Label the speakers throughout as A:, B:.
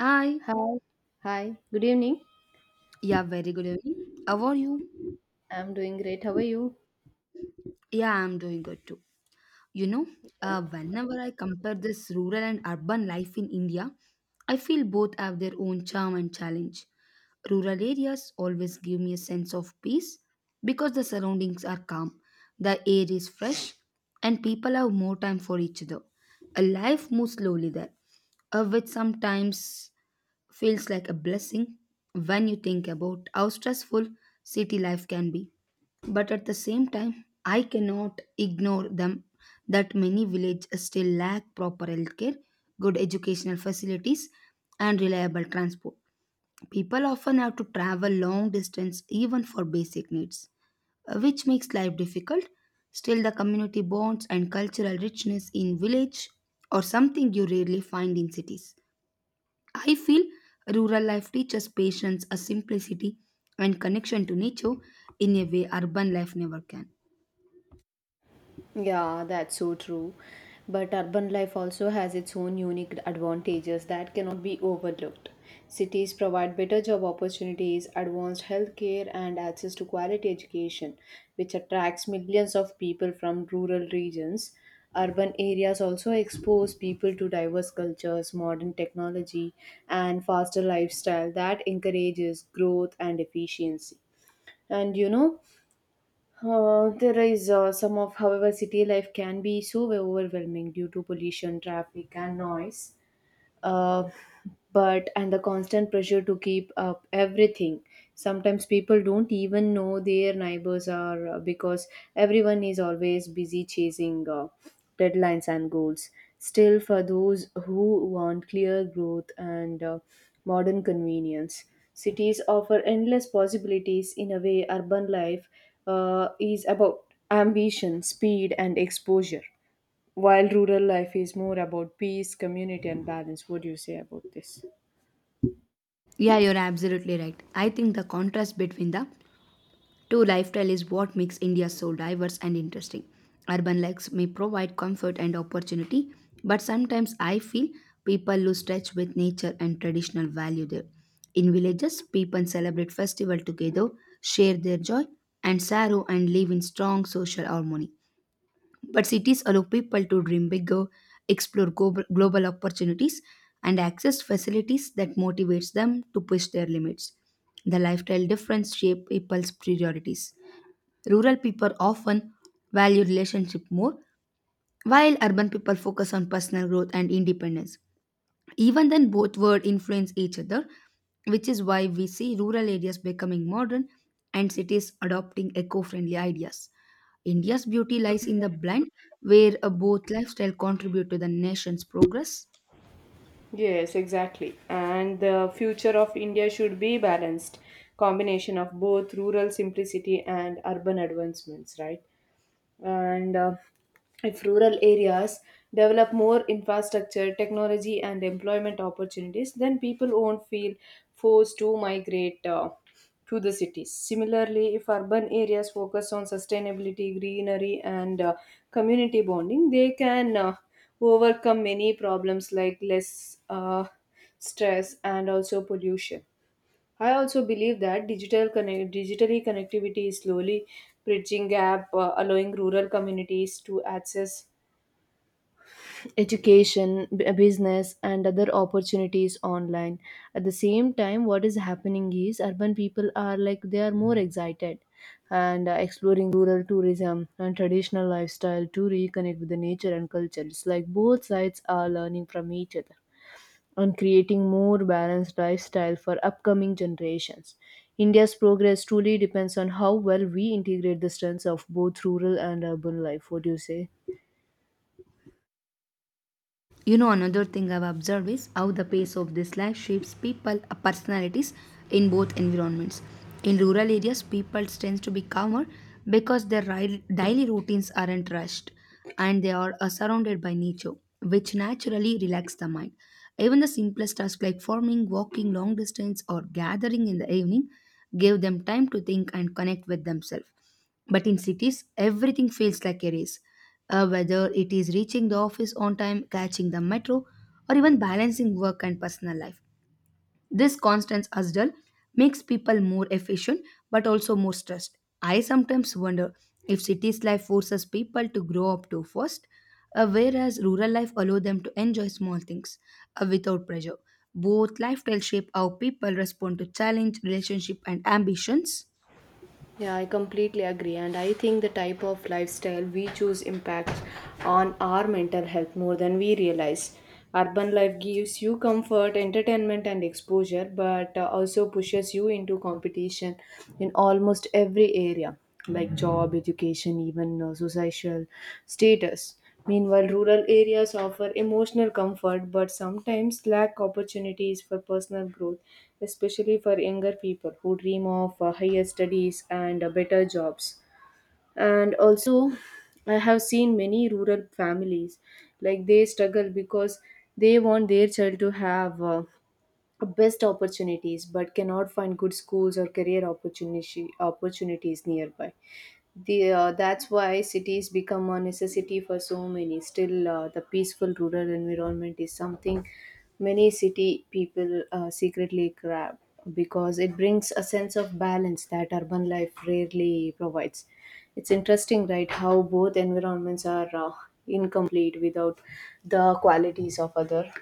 A: Hi.
B: Hi, Hi, good evening.
A: Yeah, very good evening. How are you?
B: I'm doing great. How are you?
A: Yeah, I'm doing good too. You know, Whenever I compare this rural and urban life in India, I feel both have their own charm and challenge. Rural areas always give me a sense of peace because the surroundings are calm, the air is fresh, and people have more time for each other. A life moves slowly there, which sometimes feels like a blessing when you think about how stressful city life can be. But at the same time, I cannot ignore them that many villages still lack proper healthcare, good educational facilities, and reliable transport. People often have to travel long distance even for basic needs, which makes life difficult. Still, the community bonds and cultural richness in village are something you rarely find in cities. I feel rural life teaches patience, a simplicity, and connection to nature in a way urban life never can.
B: Yeah, that's so true. But urban life also has its own unique advantages that cannot be overlooked. Cities provide better job opportunities, advanced healthcare, and access to quality education, which attracts millions of people from rural regions. Urban areas also expose people to diverse cultures, modern technology, and faster lifestyle that encourages growth and efficiency. And you know, there is some of, however, city life can be so overwhelming due to pollution, traffic, and noise uh, but and the constant pressure to keep up everything, sometimes people don't even know their neighbors are because everyone is always busy chasing deadlines and goals. Still, for those who want clear growth and modern convenience, cities offer endless possibilities. In a way, urban life is about ambition, speed, and exposure, while rural life is more about peace, community, and balance. What do you say about this?
A: Yeah, you're absolutely right. I think the contrast between the two lifestyle is what makes India so diverse and interesting. Urban lives may provide comfort and opportunity, but sometimes I feel people lose touch with nature and traditional value there. In villages, people celebrate festival together, share their joy and sorrow, and live in strong social harmony. But cities allow people to dream bigger, explore global opportunities, and access facilities that motivates them to push their limits. The lifestyle difference shape people's priorities. Rural people often value relationship more, while urban people focus on personal growth and independence. Even then, both words influence each other, which is why we see rural areas becoming modern and cities adopting eco friendly ideas. India's beauty lies in the blend where both lifestyle contribute to the nation's progress.
B: Yes, exactly. And the future of India should be balanced combination of both rural simplicity and urban advancements, right? And if rural areas develop more infrastructure, technology, and employment opportunities, then people won't feel forced to migrate to the cities. Similarly, if urban areas focus on sustainability, greenery, and community bonding, they can overcome many problems like less stress and also pollution. I also believe that digitally connectivity is slowly bridging gap, allowing rural communities to access education, business, and other opportunities online. At the same time, what is happening is urban people are like they are more excited and exploring rural tourism and traditional lifestyle to reconnect with the nature and culture. It's like both sides are learning from each other on creating more balanced lifestyle for upcoming generations. India's progress truly depends on how well we integrate the strengths of both rural and urban life. What do you say?
A: You know, another thing I've observed is how the pace of this life shapes people personalities in both environments. In rural areas, people tend to be calmer because daily routines aren't rushed and they are surrounded by nature, which naturally relax the mind. Even the simplest tasks like farming, walking long distance, or gathering in the evening give them time to think and connect with themselves. But in cities, everything feels like a race. Whether it is reaching the office on time, catching the metro, or even balancing work and personal life. This constant hustle makes people more efficient but also more stressed. I sometimes wonder if cities life forces people to grow up too fast, whereas rural life allows them to enjoy small things without pressure. Both lifestyles shape how people respond to challenge, relationship, and ambitions.
B: Yeah, I completely agree. And I think the type of lifestyle we choose impacts on our mental health more than we realize. Urban life gives you comfort, entertainment, and exposure, but also pushes you into competition in almost every area, like job, education, even social status. Meanwhile, rural areas offer emotional comfort but sometimes lack opportunities for personal growth, especially for younger people who dream of higher studies and better jobs. And also, I have seen many rural families like they struggle because they want their child to have best opportunities but cannot find good schools or career opportunity opportunities nearby the, that's why cities become a necessity for so many. Still, the peaceful rural environment is something many city people secretly grab because it brings a sense of balance that urban life rarely provides. It's interesting, right, how both environments are incomplete without the qualities of other.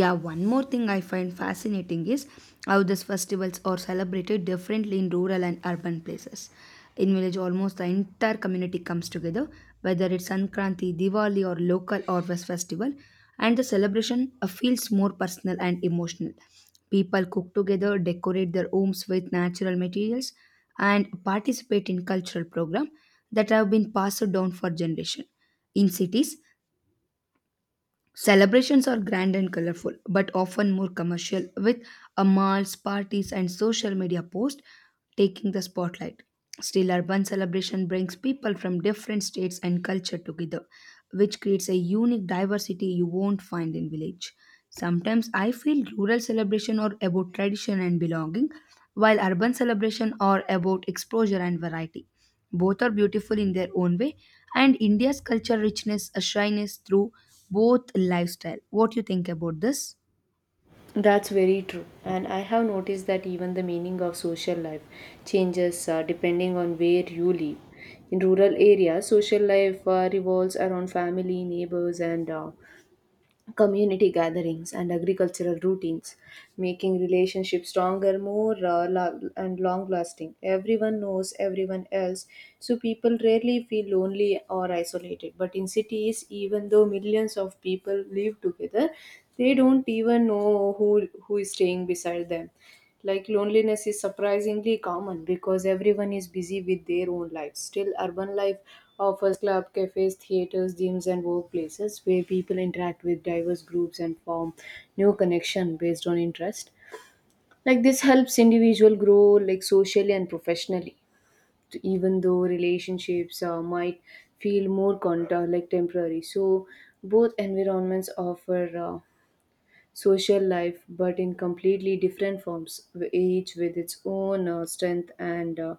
A: Yeah, one more thing I find fascinating is how these festivals are celebrated differently in rural and urban places. In village almost the entire community comes together, whether it's Sankranti, Diwali, or local or west festival, and the celebration feels more personal and emotional. People cook together, decorate their homes with natural materials, and participate in cultural programs that have been passed down for generations. In cities, celebrations are grand and colorful, but often more commercial, with a malls, parties, and social media posts taking the spotlight. Still, urban celebration brings people from different states and culture together, which creates a unique diversity you won't find in village. Sometimes I feel rural celebration are about tradition and belonging, while urban celebration are about exposure and variety. Both are beautiful in their own way, and India's culture richness shines through both lifestyle. What you think about this?
B: That's very true. And I have noticed that even the meaning of social life changes depending on where you live. In rural areas, social life revolves around family, neighbors, and community gatherings and agricultural routines, making relationships stronger, more and long lasting. Everyone knows everyone else, so people rarely feel lonely or isolated. But in cities, even though millions of people live together, they don't even know who is staying beside them. Like, loneliness is surprisingly common because everyone is busy with their own lives. Still, urban life offers club, cafes, theaters, gyms, and workplaces where people interact with diverse groups and form new connection based on interest. Like this helps individual grow like socially and professionally, even though relationships might feel more contour like temporary. So both environments offer. Social life, but in completely different forms, each with its own strength and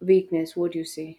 B: weakness. What do you say?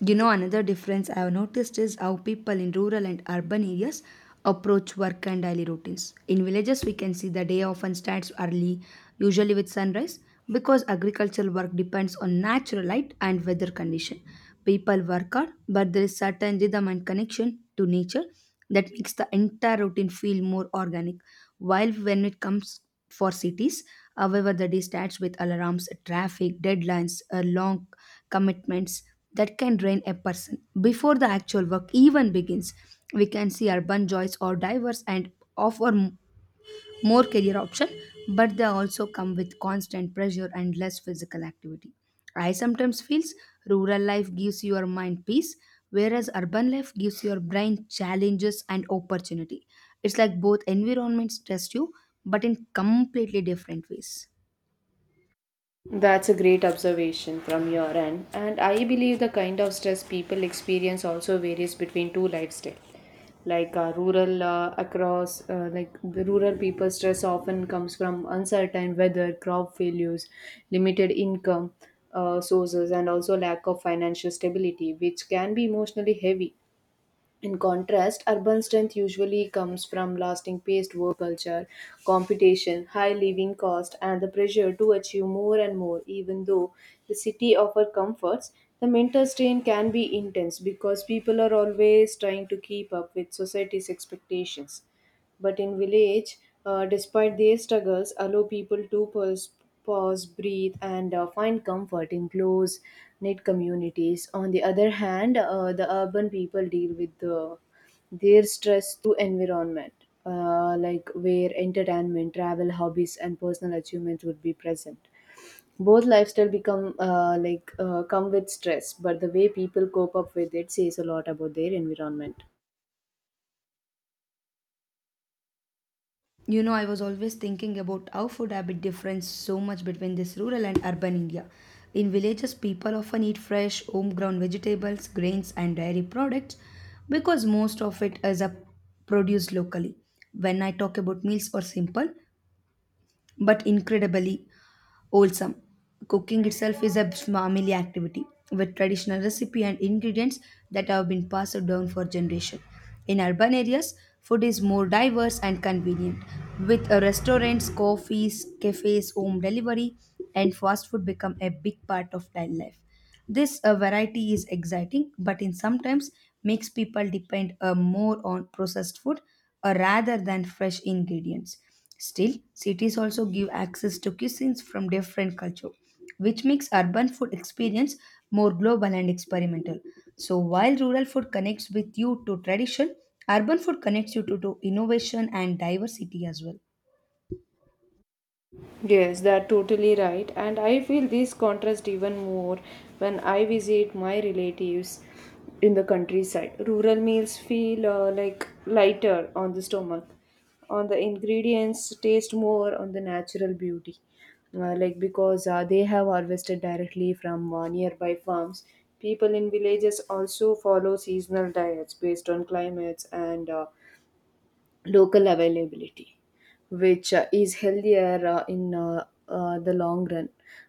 A: You know, another difference I have noticed is how people in rural and urban areas approach work and daily routines. In villages, we can see the day often starts early, usually with sunrise, because agricultural work depends on natural light and weather condition. People work hard, but there is certain rhythm and connection to nature that makes the entire routine feel more organic. While when it comes for cities, however, the day starts with alarms, traffic, deadlines, long commitments that can drain a person. Before the actual work even begins, we can see urban jobs or diverse and offer more career option, but they also come with constant pressure and less physical activity. I sometimes feels rural life gives your mind peace, whereas urban life gives your brain challenges and opportunity. It's like both environments test you, but in completely different ways.
B: That's a great observation from your end, and I believe the kind of stress people experience also varies between two lifestyles. Like rural like the rural people stress often comes from uncertain weather, crop failures, limited income sources, and also lack of financial stability, which can be emotionally heavy. In contrast, urban strength usually comes from lasting paced work culture, competition, high living cost, and the pressure to achieve more and more. Even though the city offers comforts, the mental strain can be intense because people are always trying to keep up with society's expectations. But in village, despite their struggles, allow people to pause, breathe, and find comfort in close knit communities. On the other hand, the urban people deal with their stress through environment, like where entertainment, travel, hobbies, and personal achievements would be present. Both lifestyle become come with stress, but the way people cope up with it says a lot about their environment.
A: You know, I was always thinking about how food habit difference so much between this rural and urban India. In villages, people often eat fresh, homegrown vegetables, grains, and dairy products because most of it is a produced locally. When I talk about meals are simple but incredibly wholesome. Cooking itself is a family activity with traditional recipe and ingredients that have been passed down for generations. In urban areas, food is more diverse and convenient, with restaurants, coffees, cafes, home delivery, and fast food become a big part of daily life. This variety is exciting, but in sometimes makes people depend more on processed food rather than fresh ingredients. Still, cities also give access to cuisines from different culture, which makes urban food experience more global and experimental. So while rural food connects with you to tradition, urban food connects you to innovation and diversity as well.
B: Yes, they totally right, and I feel this contrast even more when I visit my relatives in the countryside. Rural meals feel like lighter on the stomach, on the ingredients taste more on the natural beauty, like because they have harvested directly from nearby farms. People in villages also follow seasonal diets based on climates and local availability, which is healthier in the long run.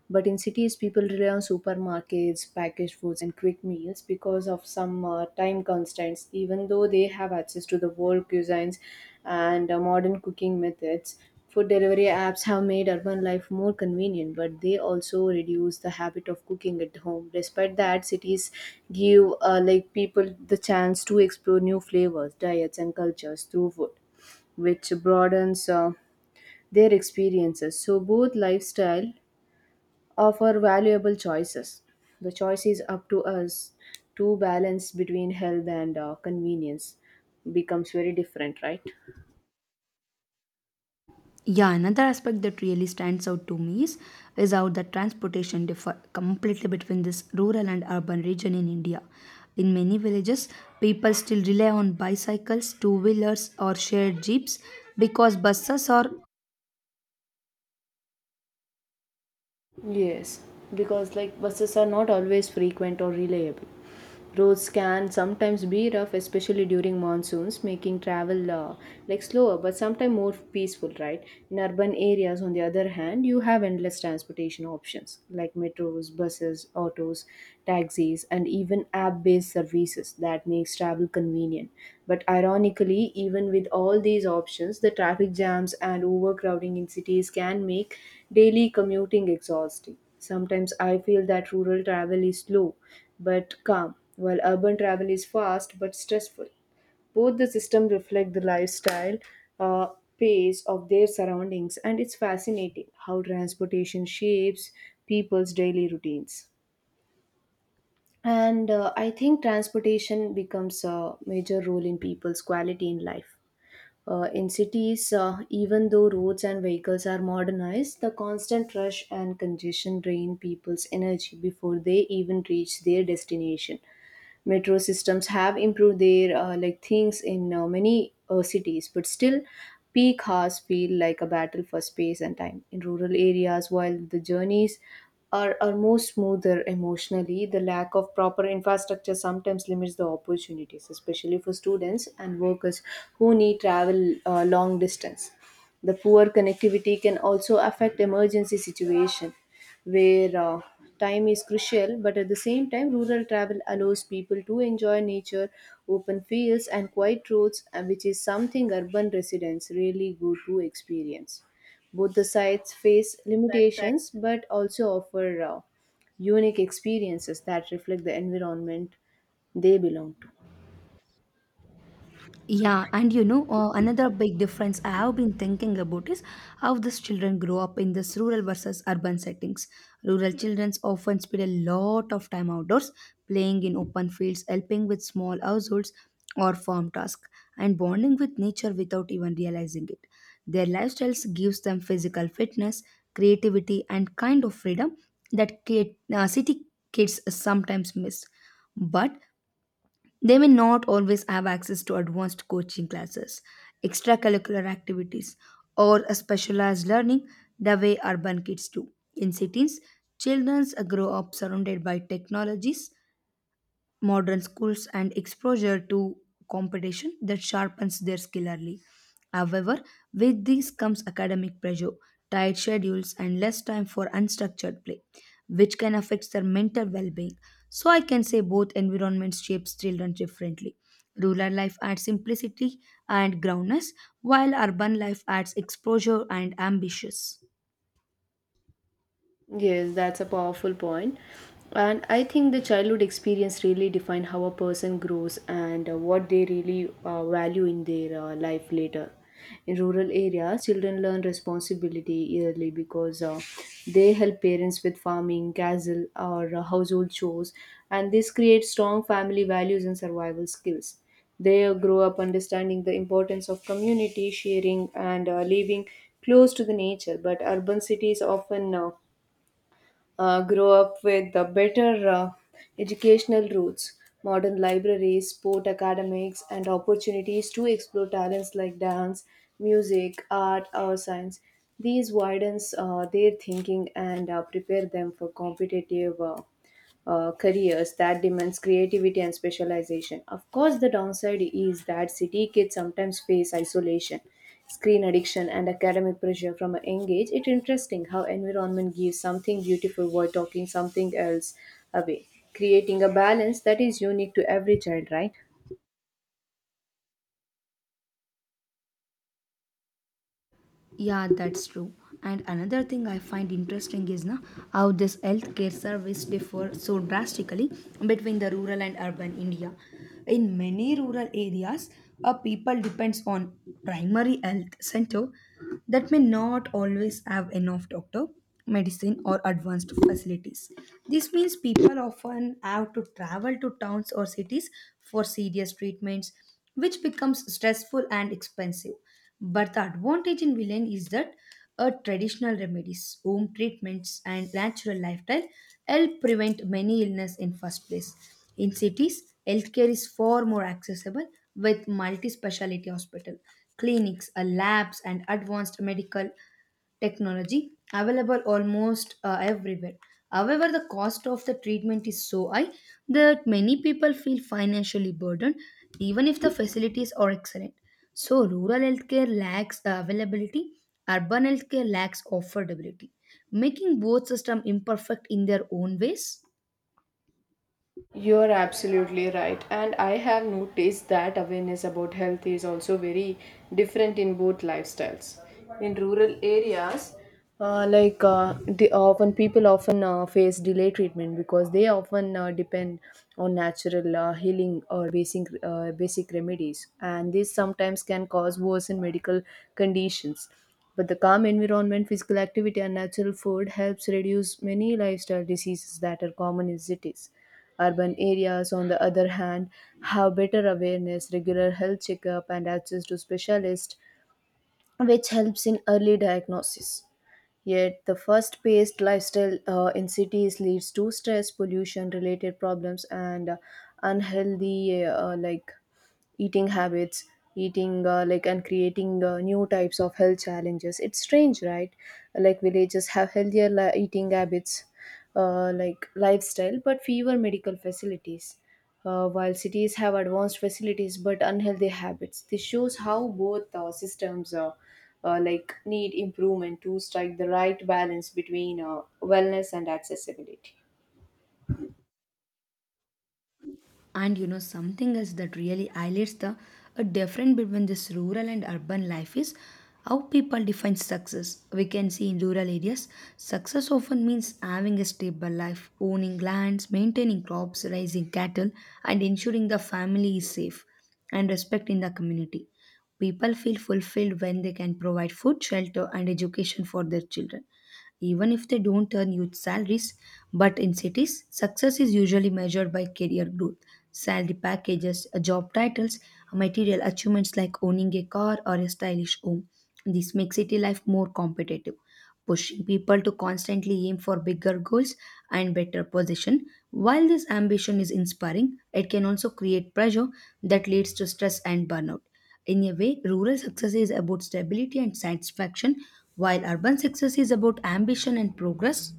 B: But in cities, people rely on supermarkets, packaged foods, and quick meals because of some time constraints. Even though they have access to the world cuisines and modern cooking methods, food delivery apps have made urban life more convenient, but they also reduce the habit of cooking at home. Despite that, cities give like people the chance to explore new flavors, diets, and cultures through food, which broadens their experiences. So both lifestyle offer valuable choices. The choice is up to us to balance between health and convenience becomes very different, right?
A: Yeah, another aspect that really stands out to me is how the transportation differ completely between this rural and urban region in India. In many villages, people still rely on bicycles, two wheelers, or shared jeeps because buses or
B: Yes, because like buses are not always frequent or reliable. Roads can sometimes be rough, especially during monsoons, making travel like slower but sometimes more peaceful, right? In urban areas, on the other hand, you have endless transportation options like metros, buses, autos, taxis, and even app-based services that makes travel convenient. But ironically, even with all these options, the traffic jams and overcrowding in cities can make daily commuting exhausting. Sometimes I feel that rural travel is slow but calm, while urban travel is fast but stressful. Both the system reflect the lifestyle uh, pace of their surroundings, and it's fascinating how transportation shapes people's daily routines. And I think transportation becomes a major role in people's quality in life. In cities, even though roads and vehicles are modernized, the constant rush and congestion drain people's energy before they even reach their destination. Metro systems have improved their like things in many cities, but still peak hours feel like a battle for space and time. In rural areas, while the journeys are more smoother emotionally, the lack of proper infrastructure sometimes limits the opportunities, especially for students and workers who need travel long distance. The poor connectivity can also affect emergency situation where time is crucial, but at the same time, rural travel allows people to enjoy nature, open fields, and quiet roads, which is something urban residents really go to experience. Both the sites face limitations but also offer unique experiences that reflect the environment they belong to.
A: Another big difference I have been thinking about is how these children grow up in this rural versus urban settings. Rural children often spend a lot of time outdoors, playing in open fields, helping with small households or farm tasks, and bonding with nature without even realizing it. Their lifestyles gives them physical fitness, creativity, and kind of freedom that city kids sometimes miss. But they may not always have access to advanced coaching classes, extracurricular activities, or a specialized learning the way urban kids do. In cities, children grow up surrounded by technologies modern schools and exposure to competition that sharpens their skill early. However, with these comes academic pressure, tight schedules, and less time for unstructured play, which can affect their mental well being. So, I can say both environments shapes children differently. Rural life adds simplicity and groundness, while urban life adds exposure and ambitions.
B: Yes, that's a powerful point. And I think the childhood experience really define how a person grows and what they really value in their life later. In rural areas, children learn responsibility early because they help parents with farming, castle, or household chores, and this creates strong family values and survival skills. They grow up understanding the importance of community, sharing, and living close to the nature. But urban cities often grow up with the better educational routes, modern libraries, sport academics, and opportunities to explore talents like dance, music, art, or science. These widens their thinking and prepare them for competitive careers that demands creativity and specialization. Of course, the downside is that city kids sometimes face isolation, screen addiction, and academic pressure from a young age. It's interesting how environment gives something beautiful while talking something else away, creating a balance that is unique to every child, right?
A: Yeah, that's true. And another thing I find interesting is na, how this healthcare service differ so drastically between the rural and urban India. In many rural areas, a people depends on primary health center that may not always have enough doctor medicine, or advanced facilities. This means people often have to travel to towns or cities for serious treatments, which becomes stressful and expensive. But the advantage in Villain is that traditional remedies, home treatments, and natural lifestyle help prevent many illness in first place. In cities, healthcare is far more accessible with multi-speciality hospital, clinics, labs, and advanced medical technology available almost everywhere. However, the cost of the treatment is so high that many people feel financially burdened, even if the facilities are excellent. So, rural healthcare lacks availability, urban healthcare lacks affordability, making both systems imperfect in their own ways.
B: You're absolutely right. And I have noticed that awareness about health is also very different in both lifestyles. In rural areas, they often people often face delay treatment because they often depend on natural healing or basic remedies, and this sometimes can cause worsen medical conditions. But the calm environment, physical activity, and natural food helps reduce many lifestyle diseases that are common in cities. Urban areas, on the other hand, have better awareness, regular health checkup, and access to specialists, which helps in early diagnosis. Yet, the fast paced lifestyle in cities leads to stress, pollution related problems, and unhealthy eating habits eating like and creating new types of health challenges. It's strange, right? Like villages have healthier eating habits, lifestyle, but fewer medical facilities, while cities have advanced facilities but unhealthy habits. This shows how both systems need improvement to strike the right balance between wellness and accessibility.
A: And you know, something else that really highlights the a difference between this rural and urban life is how people define success. We can see in rural areas, success often means having a stable life, owning lands, maintaining crops, raising cattle, and ensuring the family is safe and respect in the community. People feel fulfilled when they can provide food, shelter, and education for their children even if they don't earn huge salaries. But in cities, success is usually measured by career growth, salary packages, job titles, material achievements like owning a car or a stylish home. This makes city life more competitive, pushing people to constantly aim for bigger goals and better position. While this ambition is inspiring, it can also create pressure that leads to stress and burnout. In a way, rural success is about stability and satisfaction, while urban success is about ambition and progress.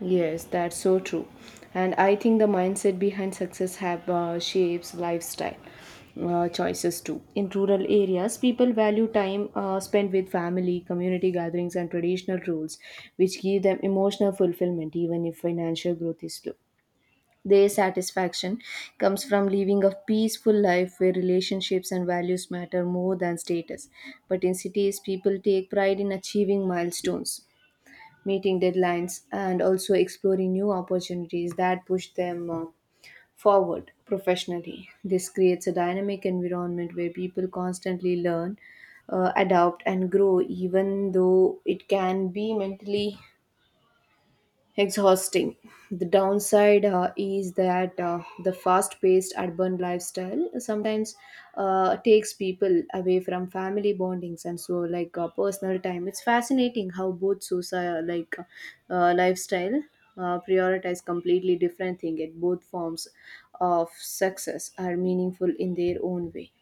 B: Yes, that's so true. And I think the mindset behind success have shapes lifestyle choices too. In rural areas, people value time spent with family, community gatherings, and traditional roles, which give them emotional fulfillment even if financial growth is slow. Their satisfaction comes from living a peaceful life where relationships and values matter more than status. But in cities, people take pride in achieving milestones, meeting deadlines, and also exploring new opportunities that push them forward professionally. This creates a dynamic environment where people constantly learn, adapt, and grow, even though it can be mentally exhausting. The downside is that the fast paced urban lifestyle sometimes takes people away from family bondings and so like personal time. It's fascinating how both social like lifestyle prioritize completely different thing at both forms of success are meaningful in their own way.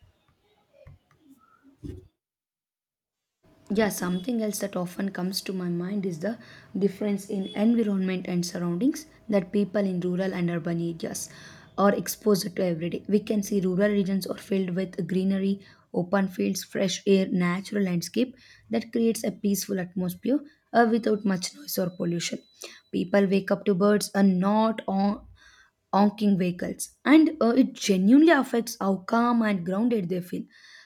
A: Yeah, something else that often comes to my mind is the difference in environment and surroundings that people in rural and urban areas are exposed to every day. We can see rural regions are filled with greenery, open fields, fresh air, natural landscape that creates a peaceful atmosphere without much noise or pollution. People wake up to birds and not on honking vehicles, and it genuinely affects how calm and grounded they feel.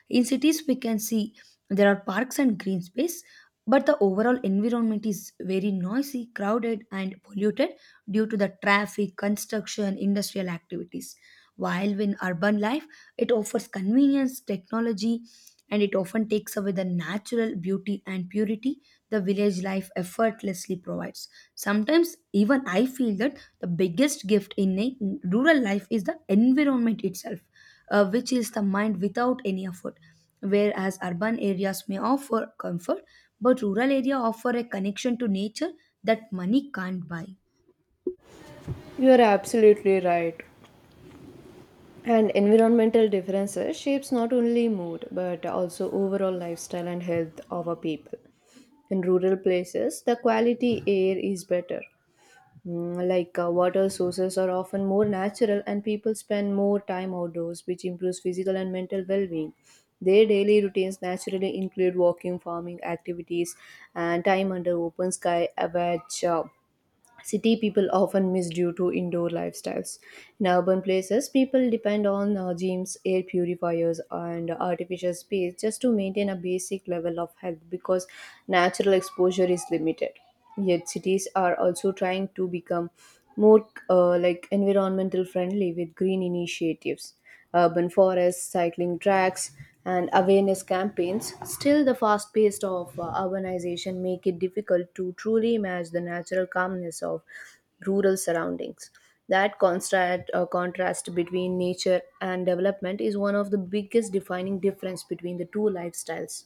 A: In cities, we can see there are parks and green space, but the overall environment is very noisy, crowded, and polluted due to the traffic, construction, industrial activities. While in urban life, it offers convenience, technology, and it often takes away the natural beauty and purity the village life effortlessly provides. Sometimes, even I feel that the biggest gift in a rural life is the environment itself, which is the mind without any effort. Whereas urban areas may offer comfort, but rural area offer a connection to nature that money can't buy.
B: You're absolutely right. And environmental differences shapes not only mood but also overall lifestyle and health of a people. In rural places, the quality air is better. Water sources are often more natural and people spend more time outdoors, which improves physical and mental well-being. Their daily routines naturally include walking, farming activities, and time under open sky, which city people often miss due to indoor lifestyles. In urban places, people depend on gyms, air purifiers, and artificial space just to maintain a basic level of health because natural exposure is limited. Yet, cities are also trying to become more environmental friendly with green initiatives, urban forests, cycling tracks, and awareness campaigns. Still, the fast pace of urbanization make it difficult to truly match the natural calmness of rural surroundings. That contrast between nature and development is one of the biggest defining difference between the two lifestyles.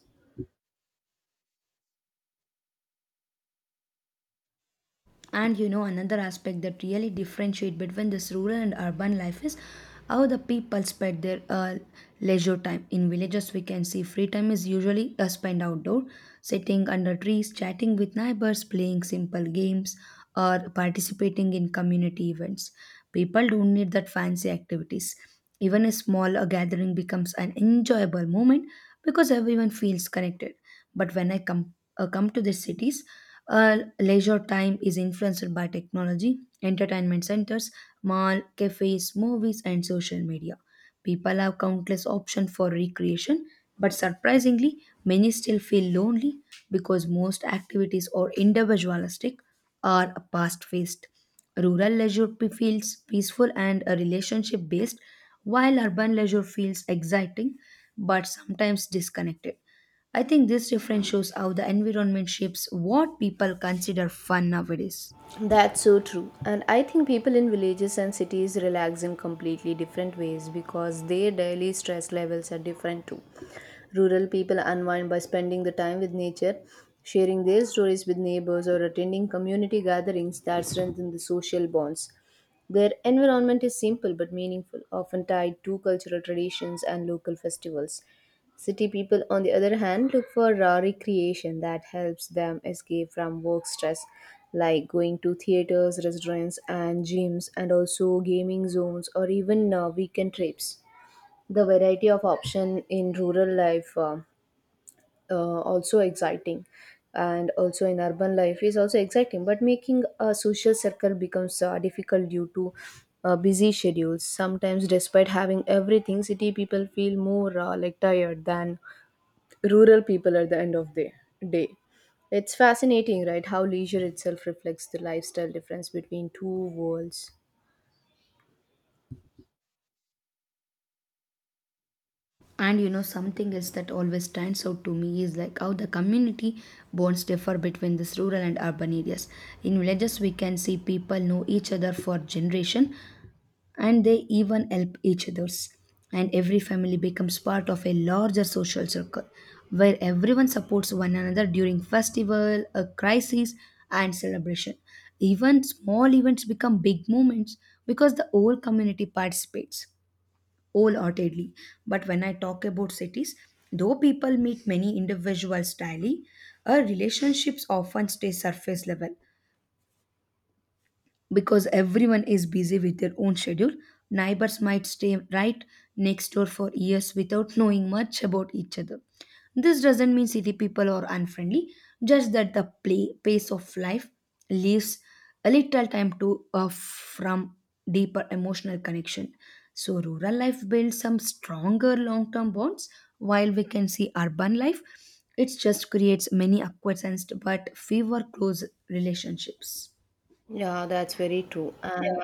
A: And you know, another aspect that really differentiate between this rural and urban life is how the people spend their leisure time. In villages, we can see free time is usually spent outdoor, sitting under trees, chatting with neighbors, playing simple games, or participating in community events. People don't need that fancy activities. Even a small gathering becomes an enjoyable moment because everyone feels connected. But when I come to the cities, leisure time is influenced by technology, entertainment centers, mall, cafes, movies, and social media. People have countless options for recreation, but surprisingly, many still feel lonely because most activities are individualistic or past-faced. Feels peaceful and relationship-based, while urban leisure feels exciting but sometimes disconnected. I think this difference shows how the environment shapes what people consider fun nowadays.
B: That's so true. And I think people in villages and cities relax in completely different ways because their daily stress levels are different too. Rural people unwind by spending the time with nature, sharing their stories with neighbors, or attending community gatherings that strengthen the social bonds. Their environment is simple but meaningful, often tied to cultural traditions and local festivals. City people, on the other hand, look for recreation that helps them escape from work stress, like going to theaters, restaurants, and gyms, and also gaming zones or even weekend trips. The variety of option in rural life also exciting, and also in urban life is also exciting. But making a social circle becomes difficult due to busy schedules. Sometimes, despite having everything, city people feel more tired than rural people at the end of the day. It's fascinating, right? How leisure itself reflects the lifestyle difference between two worlds.
A: And you know, something else that always stands out to me is like how the community bonds differ between these rural and urban areas. In villages, we can see people know each other for generation, and they even help each others. And every family becomes part of a larger social circle, where everyone supports one another during festival, a crisis, and celebration. Even small events become big moments because the whole community participates wholeheartedly. But when I talk about cities, though people meet many individuals daily, our relationships often stay surface level because everyone is busy with their own schedule. Neighbors might stay right next door for years without knowing much about each other. This doesn't mean city people are unfriendly, just that the pace of life leaves a little time to from deeper emotional connection. So rural life builds some stronger long term bonds, while we can see urban life, it just creates many acquaintances but fewer close relationships.
B: Yeah, that's very true. And yeah,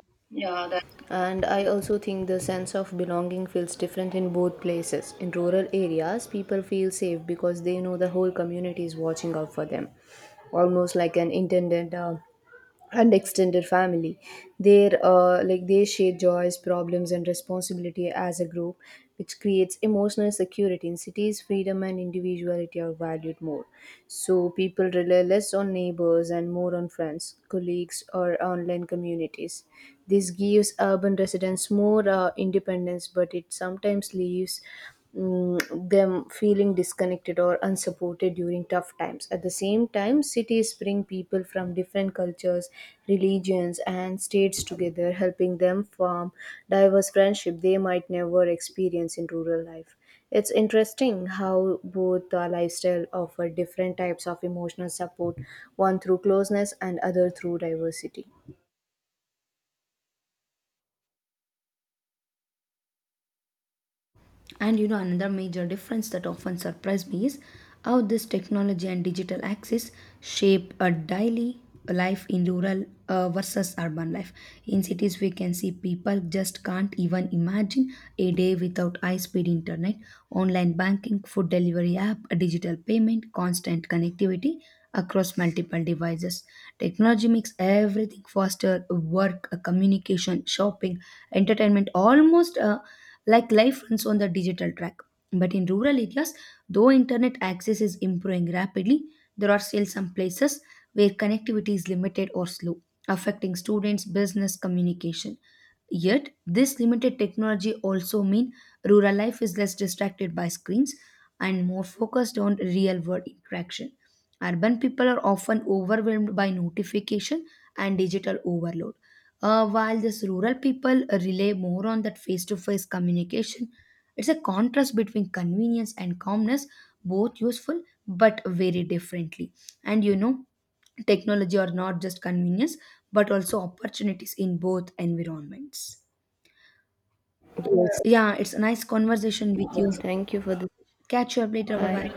B: and I also think the sense of belonging feels different in both places. In rural areas, people feel safe because they know the whole community is watching out for them, almost like an intended and extended family. Their they share joys, problems, and responsibility as a group, which creates emotional security. In cities, freedom and individuality are valued more, so people rely less on neighbors and more on friends, colleagues, or online communities. This gives urban residents more independence, but it sometimes leaves them feeling disconnected or unsupported during tough times. At the same time, cities bring people from different cultures, religions, and states together, helping them form diverse friendship they might never experience in rural life. It's interesting how both lifestyle offer different types of emotional support, one through closeness and other through diversity.
A: And you know, another major difference that often surprised me is how this technology and digital access shape a daily life in rural versus urban life. In cities, we can see people just can't even imagine a day without high speed internet, online banking, food delivery app, a digital payment, constant connectivity across multiple devices. Technology makes everything faster: work, communication, shopping, entertainment almost. Like life runs on the digital track. But in rural areas, though internet access is improving rapidly, there are still some places where connectivity is limited or slow, affecting students' business communication. Yet, this limited technology also means rural life is less distracted by screens and more focused on real-world interaction. Urban people are often overwhelmed by notification and digital overload, while these rural people rely more on that face-to-face communication. It's a contrast between convenience and calmness, both useful but very differently. And you know, technology are not just convenience but also opportunities in both environments.
B: Yes.
A: Yeah, it's a nice conversation with you.
B: Thank you for this.
A: Catch you up later. Bye bye.
B: Bye.